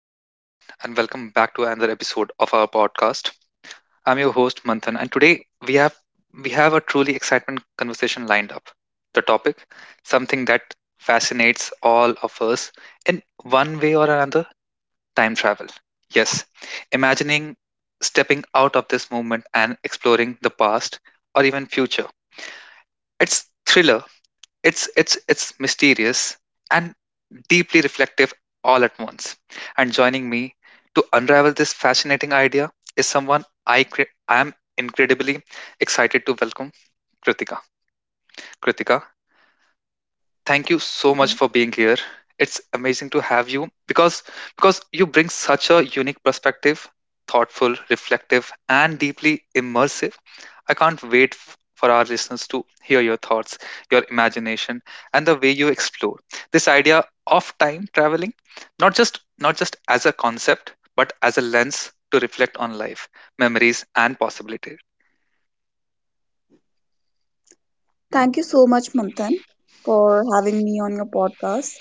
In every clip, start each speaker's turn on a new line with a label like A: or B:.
A: Hello, everyone, and welcome back to another episode of our podcast. I'm your host Manthan, and today we have a truly excitement conversation lined up. The topic, something that fascinates all of us in one way or another, time travel. Yes, imagining stepping out of this moment and exploring the past or even future. It's thriller it's mysterious and deeply reflective all at once. And joining me to unravel this fascinating idea is someone I am incredibly excited to welcome, Kritika. Kritika, thank you so much for being here. It's amazing to have you because you bring such a unique perspective, thoughtful, reflective, and deeply immersive. I can't wait for our listeners to hear your thoughts, your imagination, and the way you explore this idea of time traveling, not just as a concept, but as a lens to reflect on life, memories, and possibility.
B: Thank you so much, Manthan, for having me on your podcast.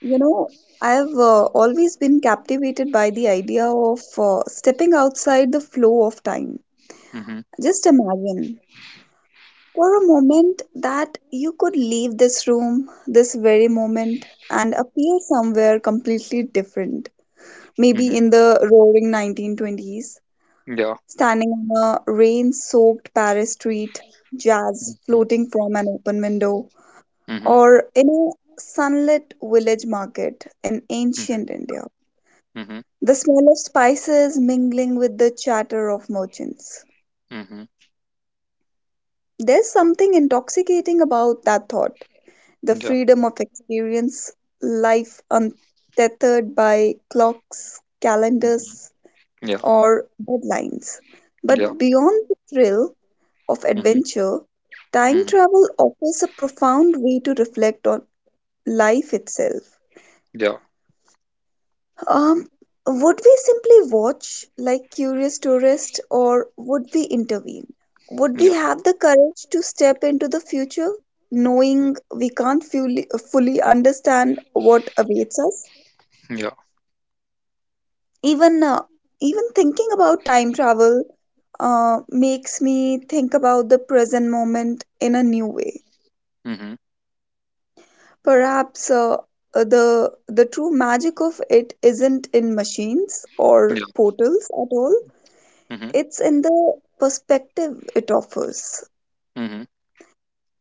B: You know, I've always been captivated by the idea of stepping outside the flow of time.
A: Mm-hmm,
B: Just imagine for a moment that you could leave this room, this very moment, and appear somewhere completely different.
A: mm-hmm,
B: Maybe in the roaring 1920s,
A: yeah.
B: standing on a rain soaked Paris street, jazz
A: Mm-hmm,
B: floating from an open window,
A: mm-hmm,
B: or in a sunlit village market in ancient
A: mm-hmm,
B: India.
A: mm-hmm.
B: The smell of spices mingling with the chatter of merchants.
A: Mm-hmm.
B: There's something intoxicating about that thought. The
A: Yeah.
B: freedom of experience, life untethered by clocks,
A: Mm-hmm.
B: calendars,
A: Yeah,
B: or deadlines.
A: yeah,
B: But beyond the thrill of
A: mhm,
B: adventure, time
A: mhm,
B: travel offers a profound way to reflect on life itself.
A: yeah,
B: Um, would we simply watch like curious tourists, or would we intervene? Would we
A: yeah,
B: have the courage to step into the future knowing we can't fully understand what awaits us?
A: yeah,
B: Even uh, even thinking about time travel makes me think about the present moment in a new way.
A: mhm,
B: Perhaps the true magic of it isn't in machines or
A: yeah,
B: portals at all.
A: mhm,
B: It's in the perspective it offers.
A: mhm,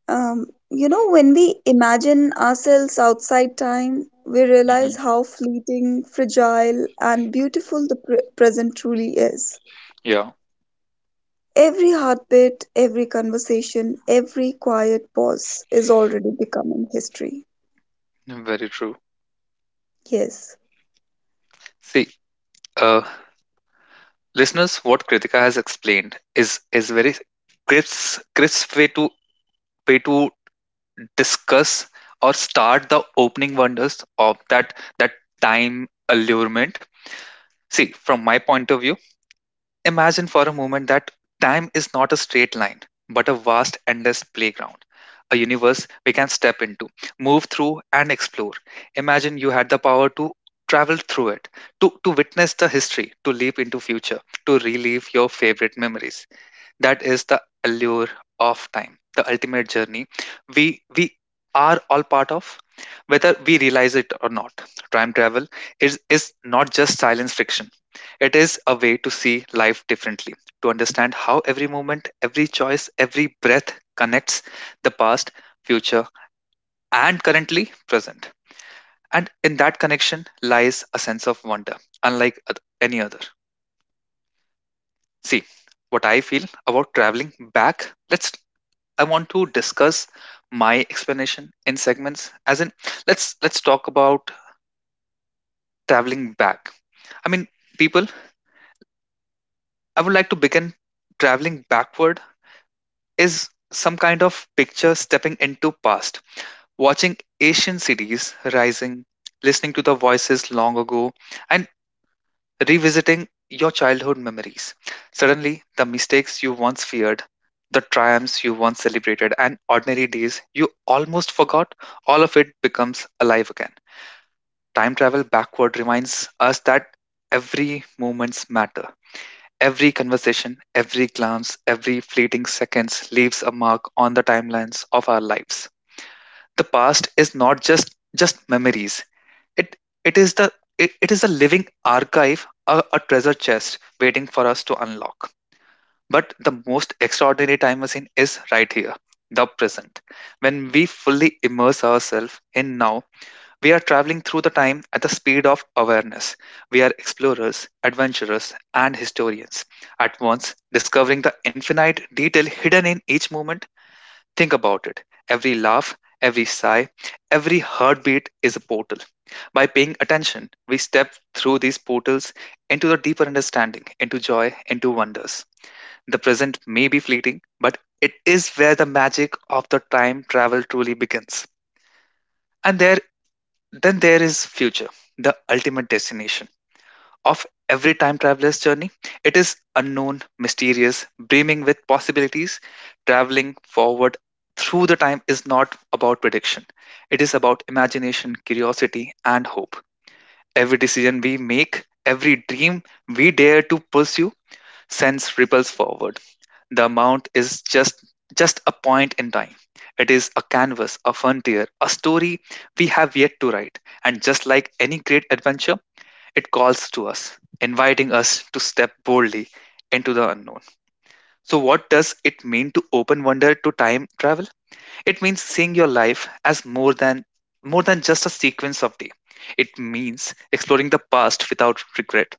B: Um, when we imagine ourselves outside time, we realize
A: mhm.
B: how fleeting, fragile, and beautiful the present truly is.
A: Yeah,
B: Every heartbeat, every conversation, every quiet pause is already becoming history.
A: very true.
B: Yes,
A: See, uh, listeners, what Kritika has explained is very crisp, crisp way to discuss or start the opening wonders of that time allurement. See, from my point of view, imagine for a moment that time is not a straight line, but a vast, endless playground, a universe we can step into, move through, and explore. Imagine you had the power to travel through it, to witness the history, to leap into future, to relive your favorite memories. That is the allure of time, the ultimate journey we are all part of, whether we realize it or not. Time travel is not just silence fiction. It is a way to see life differently, to understand how every moment, every choice, every breath connects the past, future, and currently present. And in that connection lies a sense of wonder unlike any other. See, what I feel about traveling back, let's I want to discuss my explanation in segments. As in, let's talk about traveling back. I mean, people, I would like to begin. Traveling backward is some kind of picture stepping into past, watching Asian cities rising, listening to the voices long ago, and revisiting your childhood memories. Suddenly, the mistakes you once feared, the triumphs you once celebrated, and ordinary days you almost forgot, all of it becomes alive again. Time travel backward reminds us that every moments matter. Every conversation, every glance, every fleeting seconds leaves a mark on the timelines of our lives. The past is not just memories. It it is the it is a living archive, a treasure chest waiting for us to unlock. But the most extraordinary time machine is right here, the present. When we fully immerse ourselves in now, we are traveling through the time at the speed of awareness. We are explorers, adventurers, and historians, at once discovering the infinite detail hidden in each moment. Think about it. Every laugh, every sigh, every heartbeat is a portal. By paying attention, we step through these portals into the deeper understanding, into joy, into wonders. The present may be fleeting, but it is where the magic of the time travel truly begins. And there then there is future, the ultimate destination of every time traveler's journey. It is unknown, mysterious, brimming with possibilities. Traveling forward through the time is not about prediction. It is about imagination, curiosity, and hope. Every decision we make, every dream we dare to pursue sends ripples forward. The amount is just a point in time. It is a canvas, a frontier, a story we have yet to write. And just like any great adventure, it calls to us, inviting us to step boldly into the unknown. So, what does it mean to open wonder to time travel? It means seeing your life as more than just a sequence of day. It means exploring the past without regret,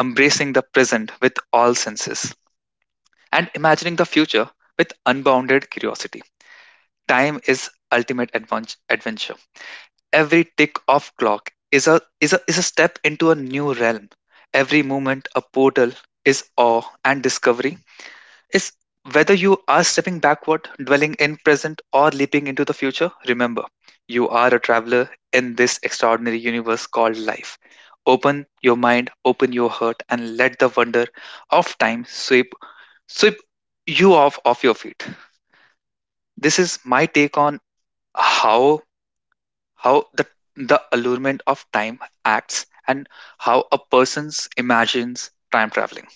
A: embracing the present with all senses, and imagining the future with unbounded curiosity. Time is ultimate adventure. Every tick of clock is a step into a new realm. Every moment a portal is awe and discovery. Is, whether you are stepping backward, dwelling in present, or leaping into the future, remember, you are a traveler in this extraordinary universe called life. Open your mind, open your heart, and let the wonder of time sweep you off of your feet. This is my take on how how the allurement of time acts and how a person's imagines time traveling.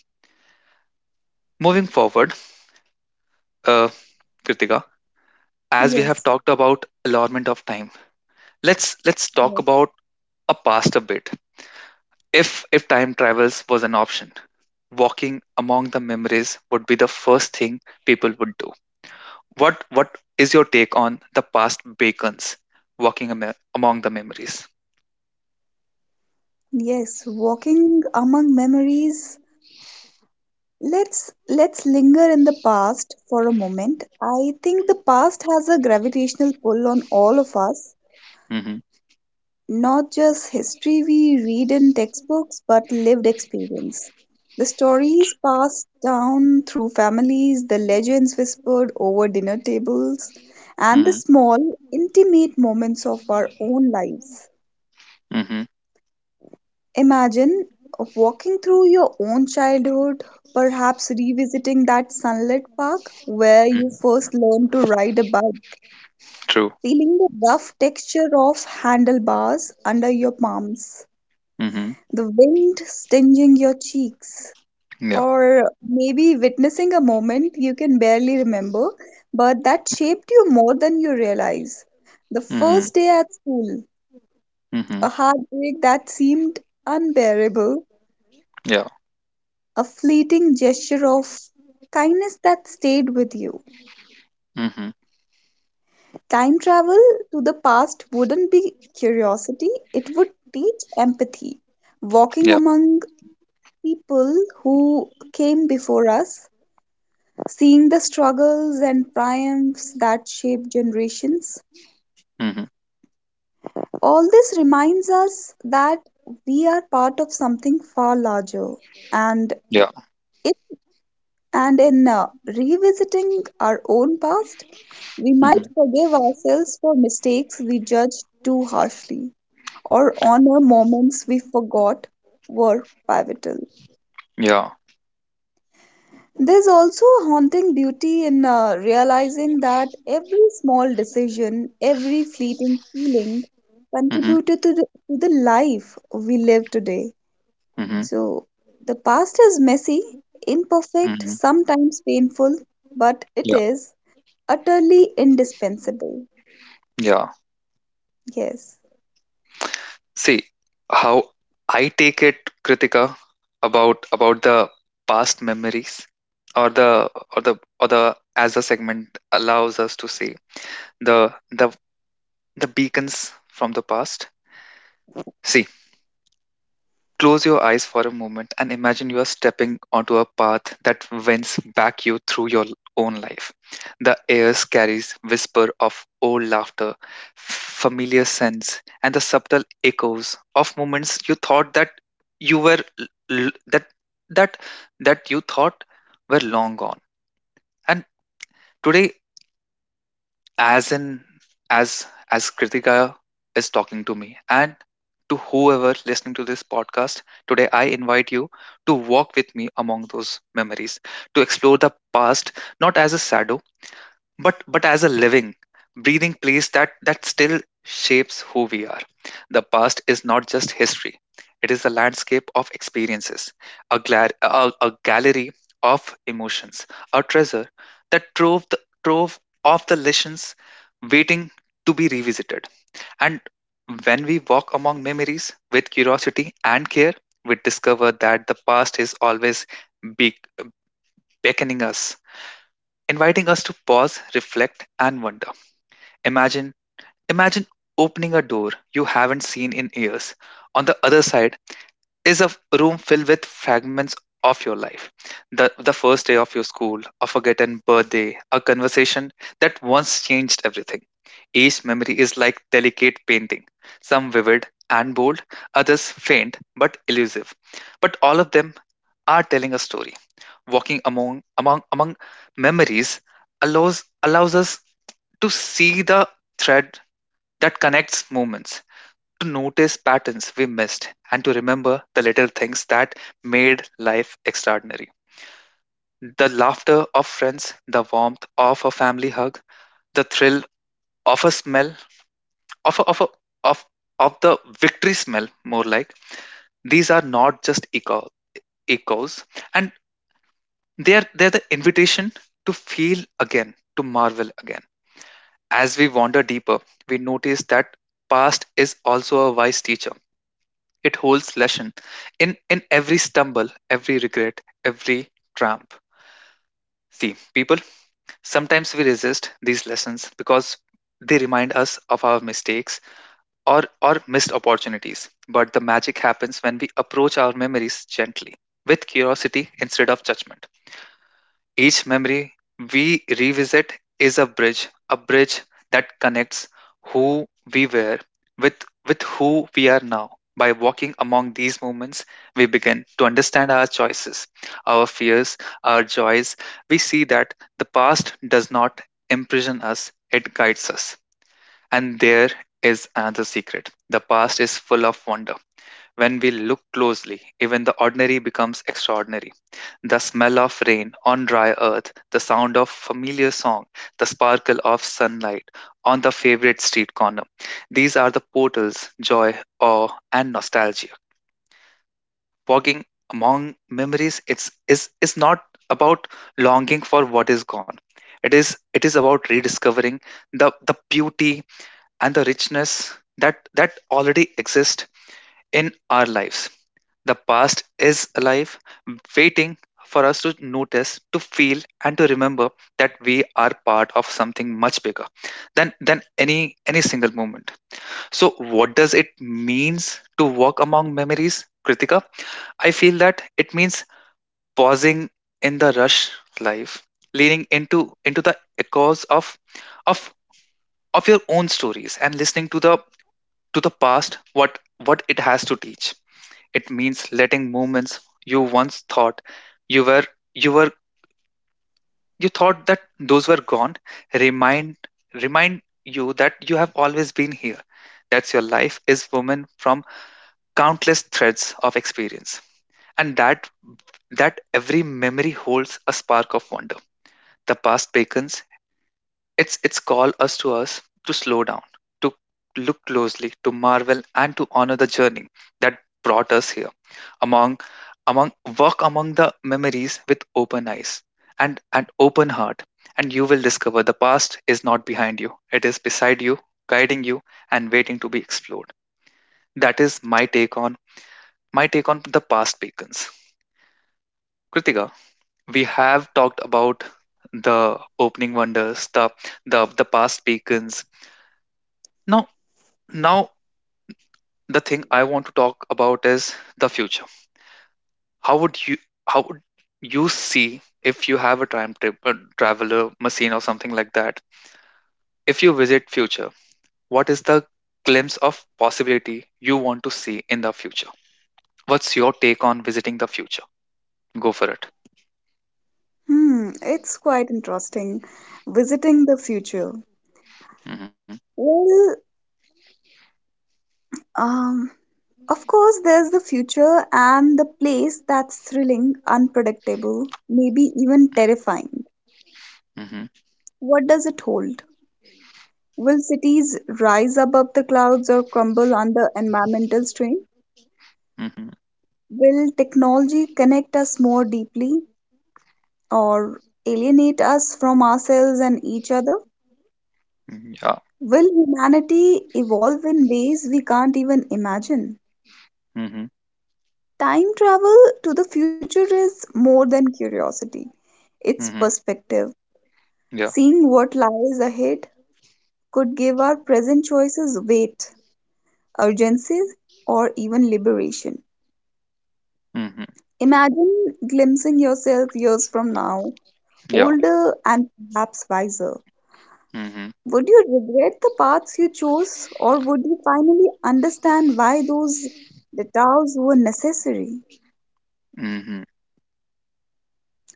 A: Moving forward, uh, Kritika, as we have
B: yes.
A: talked about allurement of time, let's talk
B: Yes.
A: about a past a bit. If time travels was an option, walking among the memories would be the first thing people would do. What is your take on the past bacons walking among the memories?
B: Yes, walking among memories. Let's linger in the past for a moment. I think the past has a gravitational pull on all of us,
A: Mm-hmm,
B: not just history we read in textbooks, but lived experience. The stories passed down through families, the legends whispered over dinner tables, and the
A: mm-hmm,
B: small, intimate moments of our own lives.
A: mm-hmm,
B: Imagine walking through your own childhood, perhaps revisiting that sunlit park where you
A: mm-hmm.
B: first learned to ride a bike,
A: True.
B: feeling the rough texture of handlebars under your palms,
A: Mm-hmm.
B: the wind stinging your cheeks,
A: Yeah.
B: or maybe witnessing a moment you can barely remember, but that shaped you more than you realize. The
A: Mm-hmm.
B: first day at school,
A: Mm-hmm.
B: a heartbreak that seemed unbearable,
A: Yeah.
B: a fleeting gesture of kindness that stayed with you.
A: Mm-hmm.
B: Time travel to the past wouldn't be curiosity, it would teach empathy.
A: Yeah.
B: Walking among people who came before us, seeing the struggles and triumphs that shape generations,
A: Mm-hmm.
B: all this reminds us that we are part of something far larger, and
A: Yeah.
B: it and in revisiting our own past, we might
A: Mm-hmm.
B: forgive ourselves for mistakes we judged too harshly or honor moments we forgot were pivotal.
A: Yeah.
B: There's also a haunting beauty in realizing that every small decision, every fleeting feeling
A: Mm-hmm.
B: contributed to the life we live today.
A: Mm-hmm.
B: So the past is messy, imperfect,
A: Mm-hmm.
B: sometimes painful, but it
A: Yeah.
B: is utterly indispensable.
A: Yeah.
B: Yes.
A: See how I take it, Kritika, about the past memories or the or the or the as the segment allows us to see the the the beacons from the past. See. Close your eyes for a moment and imagine you are stepping onto a path that winds back you through your own life. The air carries whisper of old laughter, familiar scents, and the subtle echoes of moments you thought that you were l- l- that that that you thought were long gone. And today, as in as as Kritika is talking to me and to whoever listening to this podcast today, I invite you to walk with me among those memories, to explore the past, not as a shadow, but as a living breathing place that still shapes who we are. The past is not just history, it is a landscape of experiences, a gallery of emotions, a treasure that trove the trove of the lessons waiting to be revisited. And when we walk among memories with curiosity and care, we discover that the past is always be- beckoning us, inviting us to pause, reflect, and wonder. Imagine, imagine opening a door you haven't seen in years. On the other side is a room filled with fragments of your life. The first day of your school, a forgotten birthday, a conversation that once changed everything. Each memory is like delicate painting, some vivid and bold, others faint but elusive. But all of them are telling a story. Walking among memories allows us to see the thread that connects moments, to notice patterns we missed, and to remember the little things that made life extraordinary. The laughter of friends, the warmth of a family hug, the thrill of a smell, of a, of a, of of the victory smell, more like these are not just echoes, and they're the invitation to feel again, to marvel again. As we wander deeper, we notice that past is also a wise teacher. It holds lesson in every stumble, every regret, every tramp. See, people, sometimes we resist these lessons because they remind us of our mistakes or missed opportunities. But the magic happens when we approach our memories gently, with curiosity instead of judgment. Each memory we revisit is a bridge that connects who we were with, with who we are now. By walking among these moments, we begin to understand our choices, our fears, our joys. We see that the past does not imprison us, it guides us. And there is another secret, the past is full of wonder. When we look closely, even the ordinary becomes extraordinary. The smell of rain on dry earth, the sound of familiar song, the sparkle of sunlight on the favorite street corner. These are the portals, joy, awe, and nostalgia. Walking among memories is not about longing for what is gone. It is about rediscovering the beauty and the richness that already exists in our lives. The past is alive, waiting for us to notice, to feel, and to remember that we are part of something much bigger than any single moment. So, what does it means to walk among memories, Kritika? I feel that it means pausing in the rush life, leaning into the echoes of of your own stories and listening to the past what it has to teach. It means letting movements you once thought you were you were you thought that those were gone, remind remind you that you have always been here. That's your life is woven from countless threads of experience. And that every memory holds a spark of wonder. The past beckons, it's its call us to slow down, to look closely, to marvel and to honor the journey that brought us here. Among among Walk among the memories with open eyes and an open heart, and you will discover the past is not behind you, it is beside you, guiding you and waiting to be explored. That is my take on the past beacons, Kritika. We have talked about the opening wonders, the past beacons. Now now the thing I want to talk about is the future. How would you how would you see if you have a traveler machine or something like that? If you visit future, what is the glimpse of possibility you want to see in the future? What's your take on visiting the future? Go for it.
B: Hmm, it's quite interesting. Visiting the future.
A: Mm-hmm,
B: Well, um, of course, there's the future and the place that's thrilling, unpredictable, maybe even terrifying.
A: mm-hmm,
B: What does it hold? Will cities rise above the clouds or crumble under environmental strain?
A: mm-hmm,
B: Will technology connect us more deeply or alienate us from ourselves and each other?
A: mm-hmm, yeah.
B: Will humanity evolve in ways we can't even imagine?
A: Mm-hmm,
B: Time travel to the future is more than curiosity, it's
A: mm-hmm,
B: perspective.
A: yeah.
B: Seeing what lies ahead could give our present choices weight, urgency, or even liberation.
A: Mm-hmm,
B: Imagine glimpsing yourself years from now,
A: yeah.
B: older and perhaps wiser.
A: Mm-hmm,
B: Would you regret the paths you chose, or would you finally understand why those detours were necessary?
A: mm-hmm,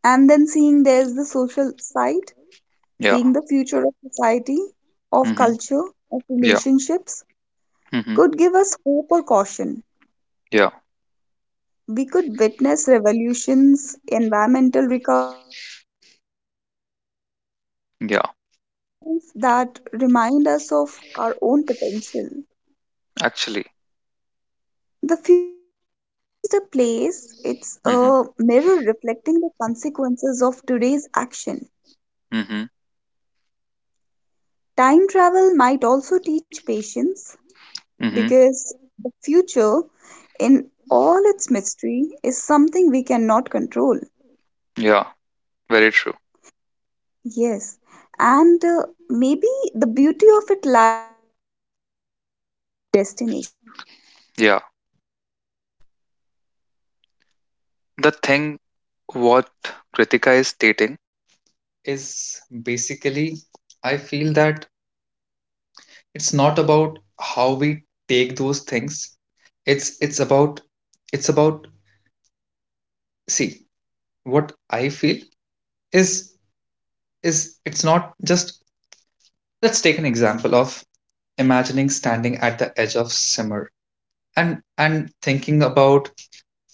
B: And then, seeing there's the social side.
A: yeah.
B: Seeing the future of society, of
A: Mm-hmm,
B: culture, of
A: yeah.
B: relationships
A: Mm-hmm,
B: could give us hope or caution.
A: yeah.
B: We could witness revolutions, environmental recoveries, or moments of
A: Yeah.
B: human trials that remind us of our own potential.
A: Actually.
B: The future isn't just a place, it's a
A: Mm-hmm,
B: mirror reflecting the consequences of today's action.
A: mm-hmm,
B: Time travel might also teach patience,
A: mm-hmm,
B: because the future, in all its mystery, is something we cannot control.
A: yeah. Very true.
B: Yes, and maybe the beauty of it lies in the journey, not in the destination.
A: Yeah. The thing what Kritika is stating is basically, I feel that it's not about how we take those things. It's about see, what I feel is it's not just, let's take an example of imagining standing at the edge of simmer and thinking about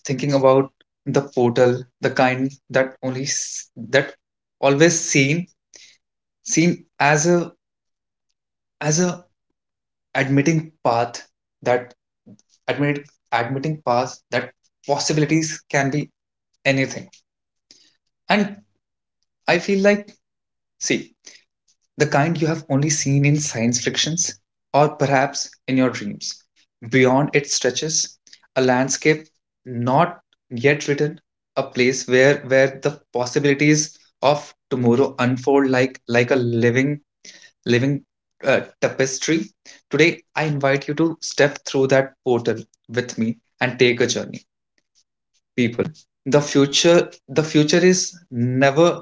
A: thinking about the portal, the kind that always seen, as a as a admitting path that admit admitting path that possibilities can be anything. And I feel like, see, the kind you have only seen in science fictions or perhaps in your dreams. Beyond it stretches a landscape not yet written, a place where the possibilities of tomorrow unfold like a living living tapestry. Today, I invite you to step through that portal with me and take a journey. People, the future is never,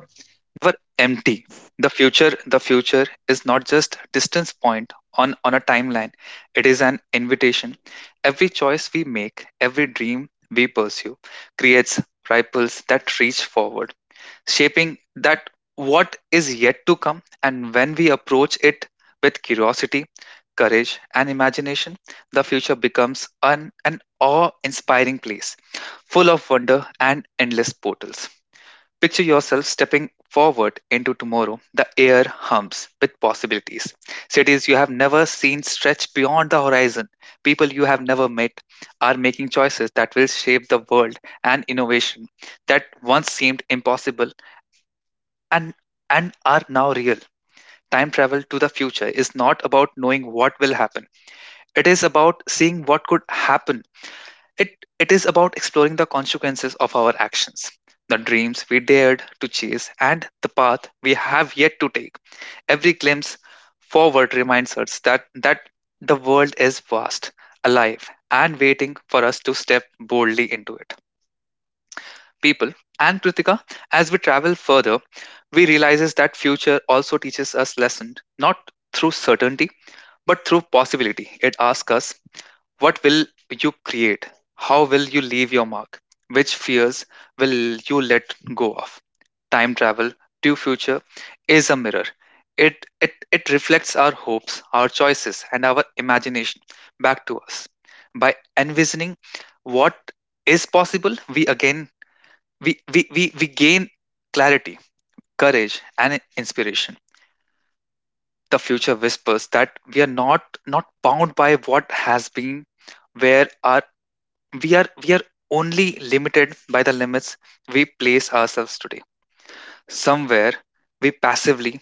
A: never empty. The future is not just distance point on a timeline. It is an invitation. Every choice we make, every dream we pursue, creates ripples that reach forward, shaping that what is yet to come. And when we approach it with curiosity, courage and imagination, the future becomes an awe-inspiring place full of wonder and endless portals. Picture yourself stepping forward into tomorrow. The air hums with possibilities. Cities you have never seen stretch beyond the horizon. People you have never met are making choices that will shape the world, and innovation that once seemed impossible and and are now real. Time travel to the future is not about knowing what will happen. It is about seeing what could happen. It is about exploring the consequences of our actions, the dreams we dared to chase, and the path we have yet to take. Every glimpse forward reminds us that the world is vast, alive, and waiting for us to step boldly into it. People and Kritika, as we travel further, we realizes that future also teaches us lesson not through certainty but through possibility. It asks us, what will you create? How will you leave your mark? Which fears will you let go of? Time travel to future is a mirror. It reflects our hopes, our choices, and our imagination back to us. By envisioning what is possible, we gain clarity, courage, and inspiration. The future whispers that we are not not bound by what has been, where are we are only limited by the limits we place ourselves today. Somewhere we passively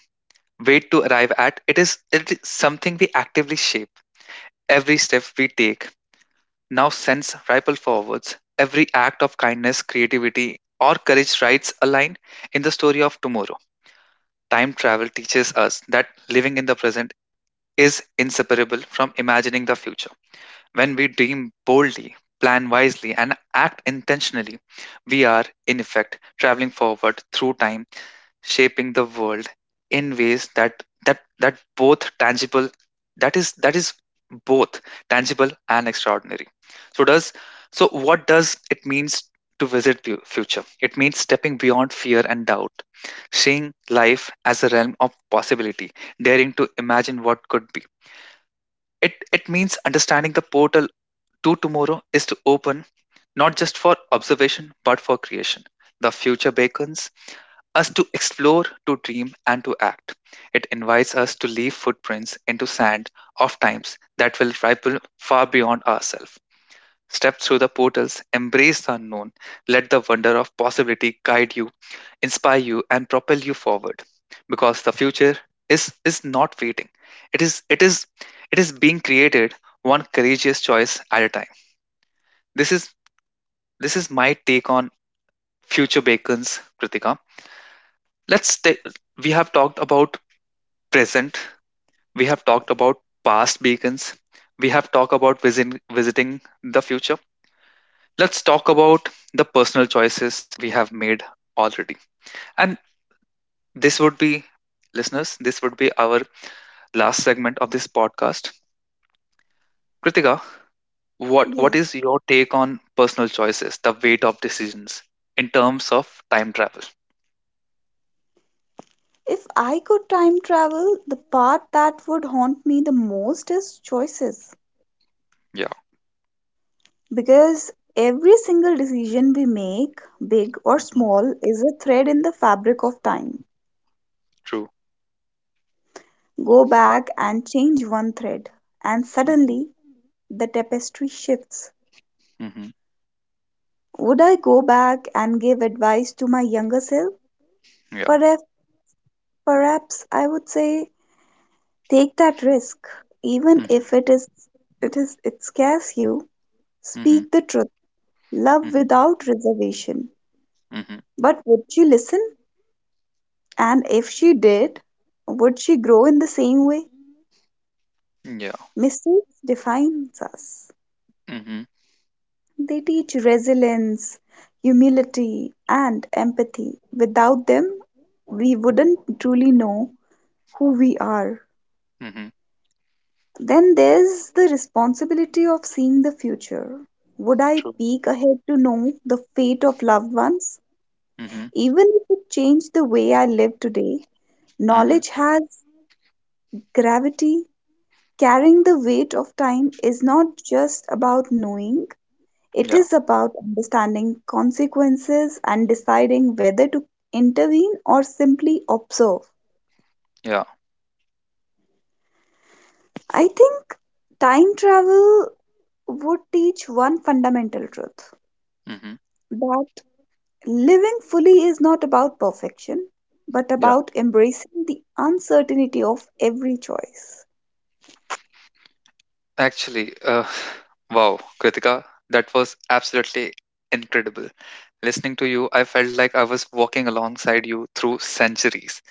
A: wait to arrive at, it is something we actively shape. Every step we take now sends ripple forwards. Every act of kindness, creativity, or courage writes a line in the story of tomorrow. Time travel teaches us that living in the present is inseparable from imagining the future. When we dream boldly, plan wisely, and act intentionally, we are, in effect, traveling forward through time, shaping the world in ways that both tangible, that is both tangible and extraordinary. So does so what does it means to visit future? It means stepping beyond fear and doubt, seeing life as a realm of possibility, daring to imagine what could be. It means understanding the portal to tomorrow is to open, not just for observation but for creation. The future beckons us to explore, to dream, and to act. It invites us to leave footprints into sand of times that will ripple far beyond ourselves. Step through the portals, embrace the unknown, let the wonder of possibility guide you, inspire you, and propel you forward. Because the future is not waiting. It is it is it is being created one courageous choice at a time. This is this is my take on future bacons, Kritika. Let's take We have talked about present, we have talked about past beacons, we have talked about visiting the future. Let's talk about the personal choices we have made already. And this would be, listeners, this would be our last segment of this podcast. Kritika, what
B: Yes.
A: is your take on personal choices, the weight of decisions in terms of time travel?
B: If I could time travel, the part that would haunt me the most is choices.
A: Yeah.
B: Because every single decision we make, big or
A: Mhm,
B: small, is a thread in the fabric of time.
A: true.
B: Go back and change one thread, and suddenly
A: Hmm.
B: the tapestry shifts.
A: Mm-hmm.
B: Would I go back and give advice to my younger self?
A: Yeah.
B: Perhaps. Perhaps I would say take that risk, even
A: Mm-hmm.
B: if it scares you.
A: Hmm.
B: Speak the truth. Love without reservation.
A: Hmm.
B: But would she listen? And if she did, would she grow in the same way?
A: Yeah.
B: Mistakes defines us.
A: Hmm.
B: They teach resilience, humility, and empathy. Without them, we wouldn't truly know who we are.
A: Hmm.
B: Then there's the responsibility of seeing the future. Would I
A: True.
B: peek ahead to know the fate of loved ones?
A: Mm-hmm.
B: Even if it changed the way I live today,
A: Mm-hmm.
B: knowledge has gravity. Carrying the weight of time is not just about knowing, it
A: Yeah,
B: is about understanding consequences and deciding whether to intervene or simply observe.
A: yeah,
B: I think time travel would teach one fundamental truth:
A: hmm,
B: that living fully is not about perfection, but
A: yeah.
B: about embracing the uncertainty of every choice.
A: Actually, wow, Kritika, that was absolutely incredible. Listening to you, I felt like I was walking alongside you through centuries,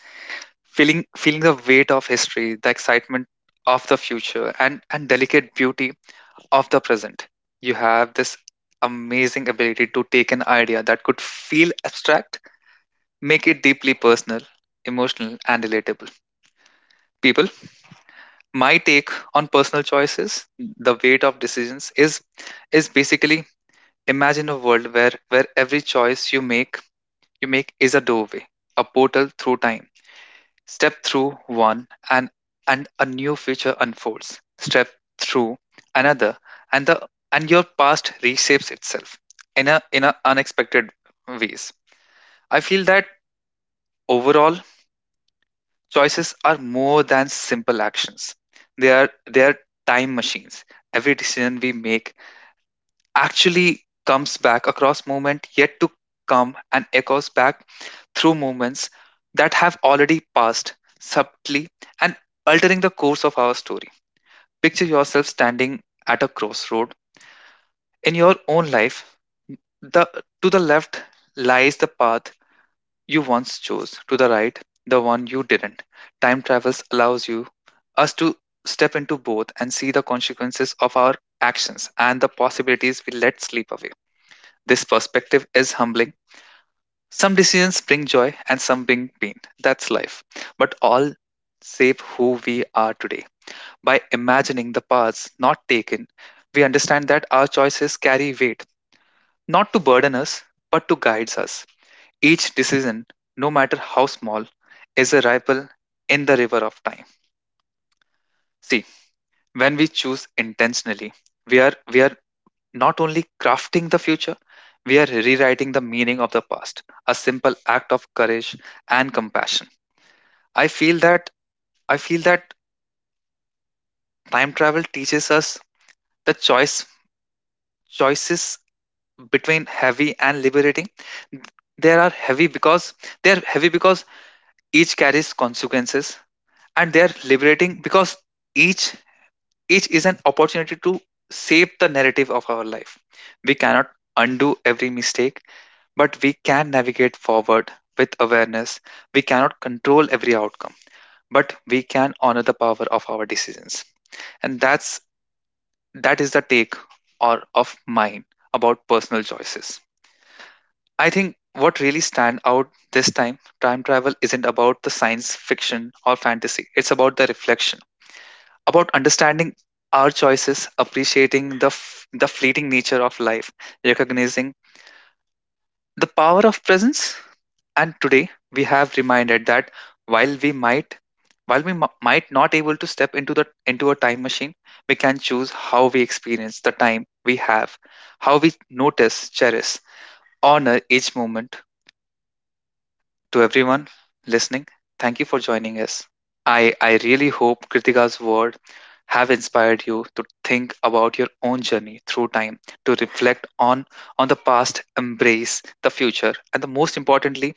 A: feeling the weight of history, the excitement of the future, and delicate beauty of the present. You have this amazing ability to take an idea that could feel abstract, make it deeply personal, emotional, and relatable. People, my take on personal choices, the weight of decisions, is basically, imagine a world where every choice you make is a doorway, a portal through time. Step through one, and a new future unfolds. Step through another, and the and your past reshapes itself in a unexpected ways. I feel that overall choices are more than simple actions. They are time machines. Every decision we make actually comes back across moment yet to come and echoes back through moments that have already passed, subtly and altering the course of our story. Picture yourself standing at a crossroad in your own life. The To the left lies the path you once chose, to the right, the one you didn't. Time travels allows you Us to step into both and see the consequences of our actions and the possibilities we let slip away. This perspective is humbling. Some decisions bring joy and some bring pain. That's life. But all shape who we are today. By imagining the paths not taken, we understand that our choices carry weight, not to burden us, but to guide us. Each decision, no matter how small, is a ripple in the river of time. See, when we choose intentionally, we are not only crafting the future, we are rewriting the meaning of the past. A simple act of courage and compassion. I feel that I feel that time travel teaches us the choice choices between heavy and liberating. They are heavy because they are heavy because each carries consequences, and they are liberating because each each is an opportunity to shape the narrative of our life. We cannot undo every mistake, but we can navigate forward with awareness. We cannot control every outcome, but we can honor the power of our decisions. And that is the take or of mine about personal choices. I think what really stand out this time, time travel isn't about the science fiction or fantasy. It's about the reflection, about understanding our choices, appreciating the the fleeting nature of life, recognizing the power of presence. And today we have reminded that while we might while we might not able to step into the into a time machine, we can choose how we experience the time we have, how we notice, cherish, honor each moment. To everyone listening, thank you for joining us. I really hope Kritika's words have inspired you to think about your own journey through time, to reflect on the past, embrace the future, and the most importantly,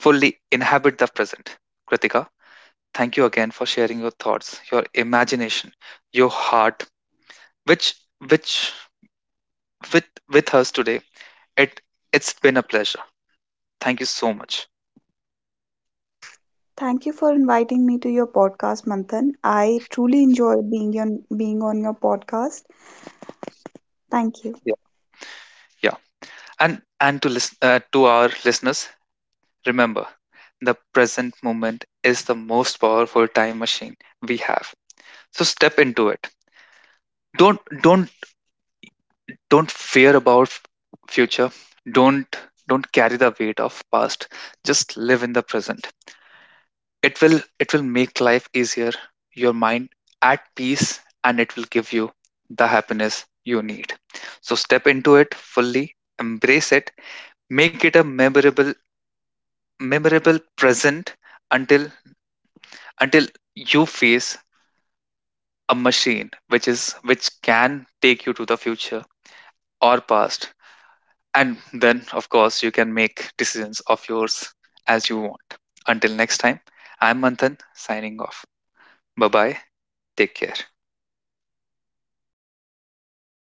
A: fully inhabit the present. Kritika, thank you again for sharing your thoughts, your imagination, your heart, which which with us today. It it's been a pleasure. Thank you so much.
B: Thank you for inviting me to your podcast, Manthan. I truly enjoyed being on your podcast. Thank you.
A: Yeah. Yeah. And to listen to our listeners, remember the present moment is the most powerful time machine we have. So step into it. Don't don't don't fear about future. Don't don't carry the weight of past. Just live in the present. It will make life easier, your mind at peace, and it will give you the happiness you need. So step into it fully, embrace it, make it a memorable present. Until until you face a machine which can take you to the future or past, and then of course you can make decisions of yours as you want. Until next time, I'm Manthan, signing off. Bye bye. Take care.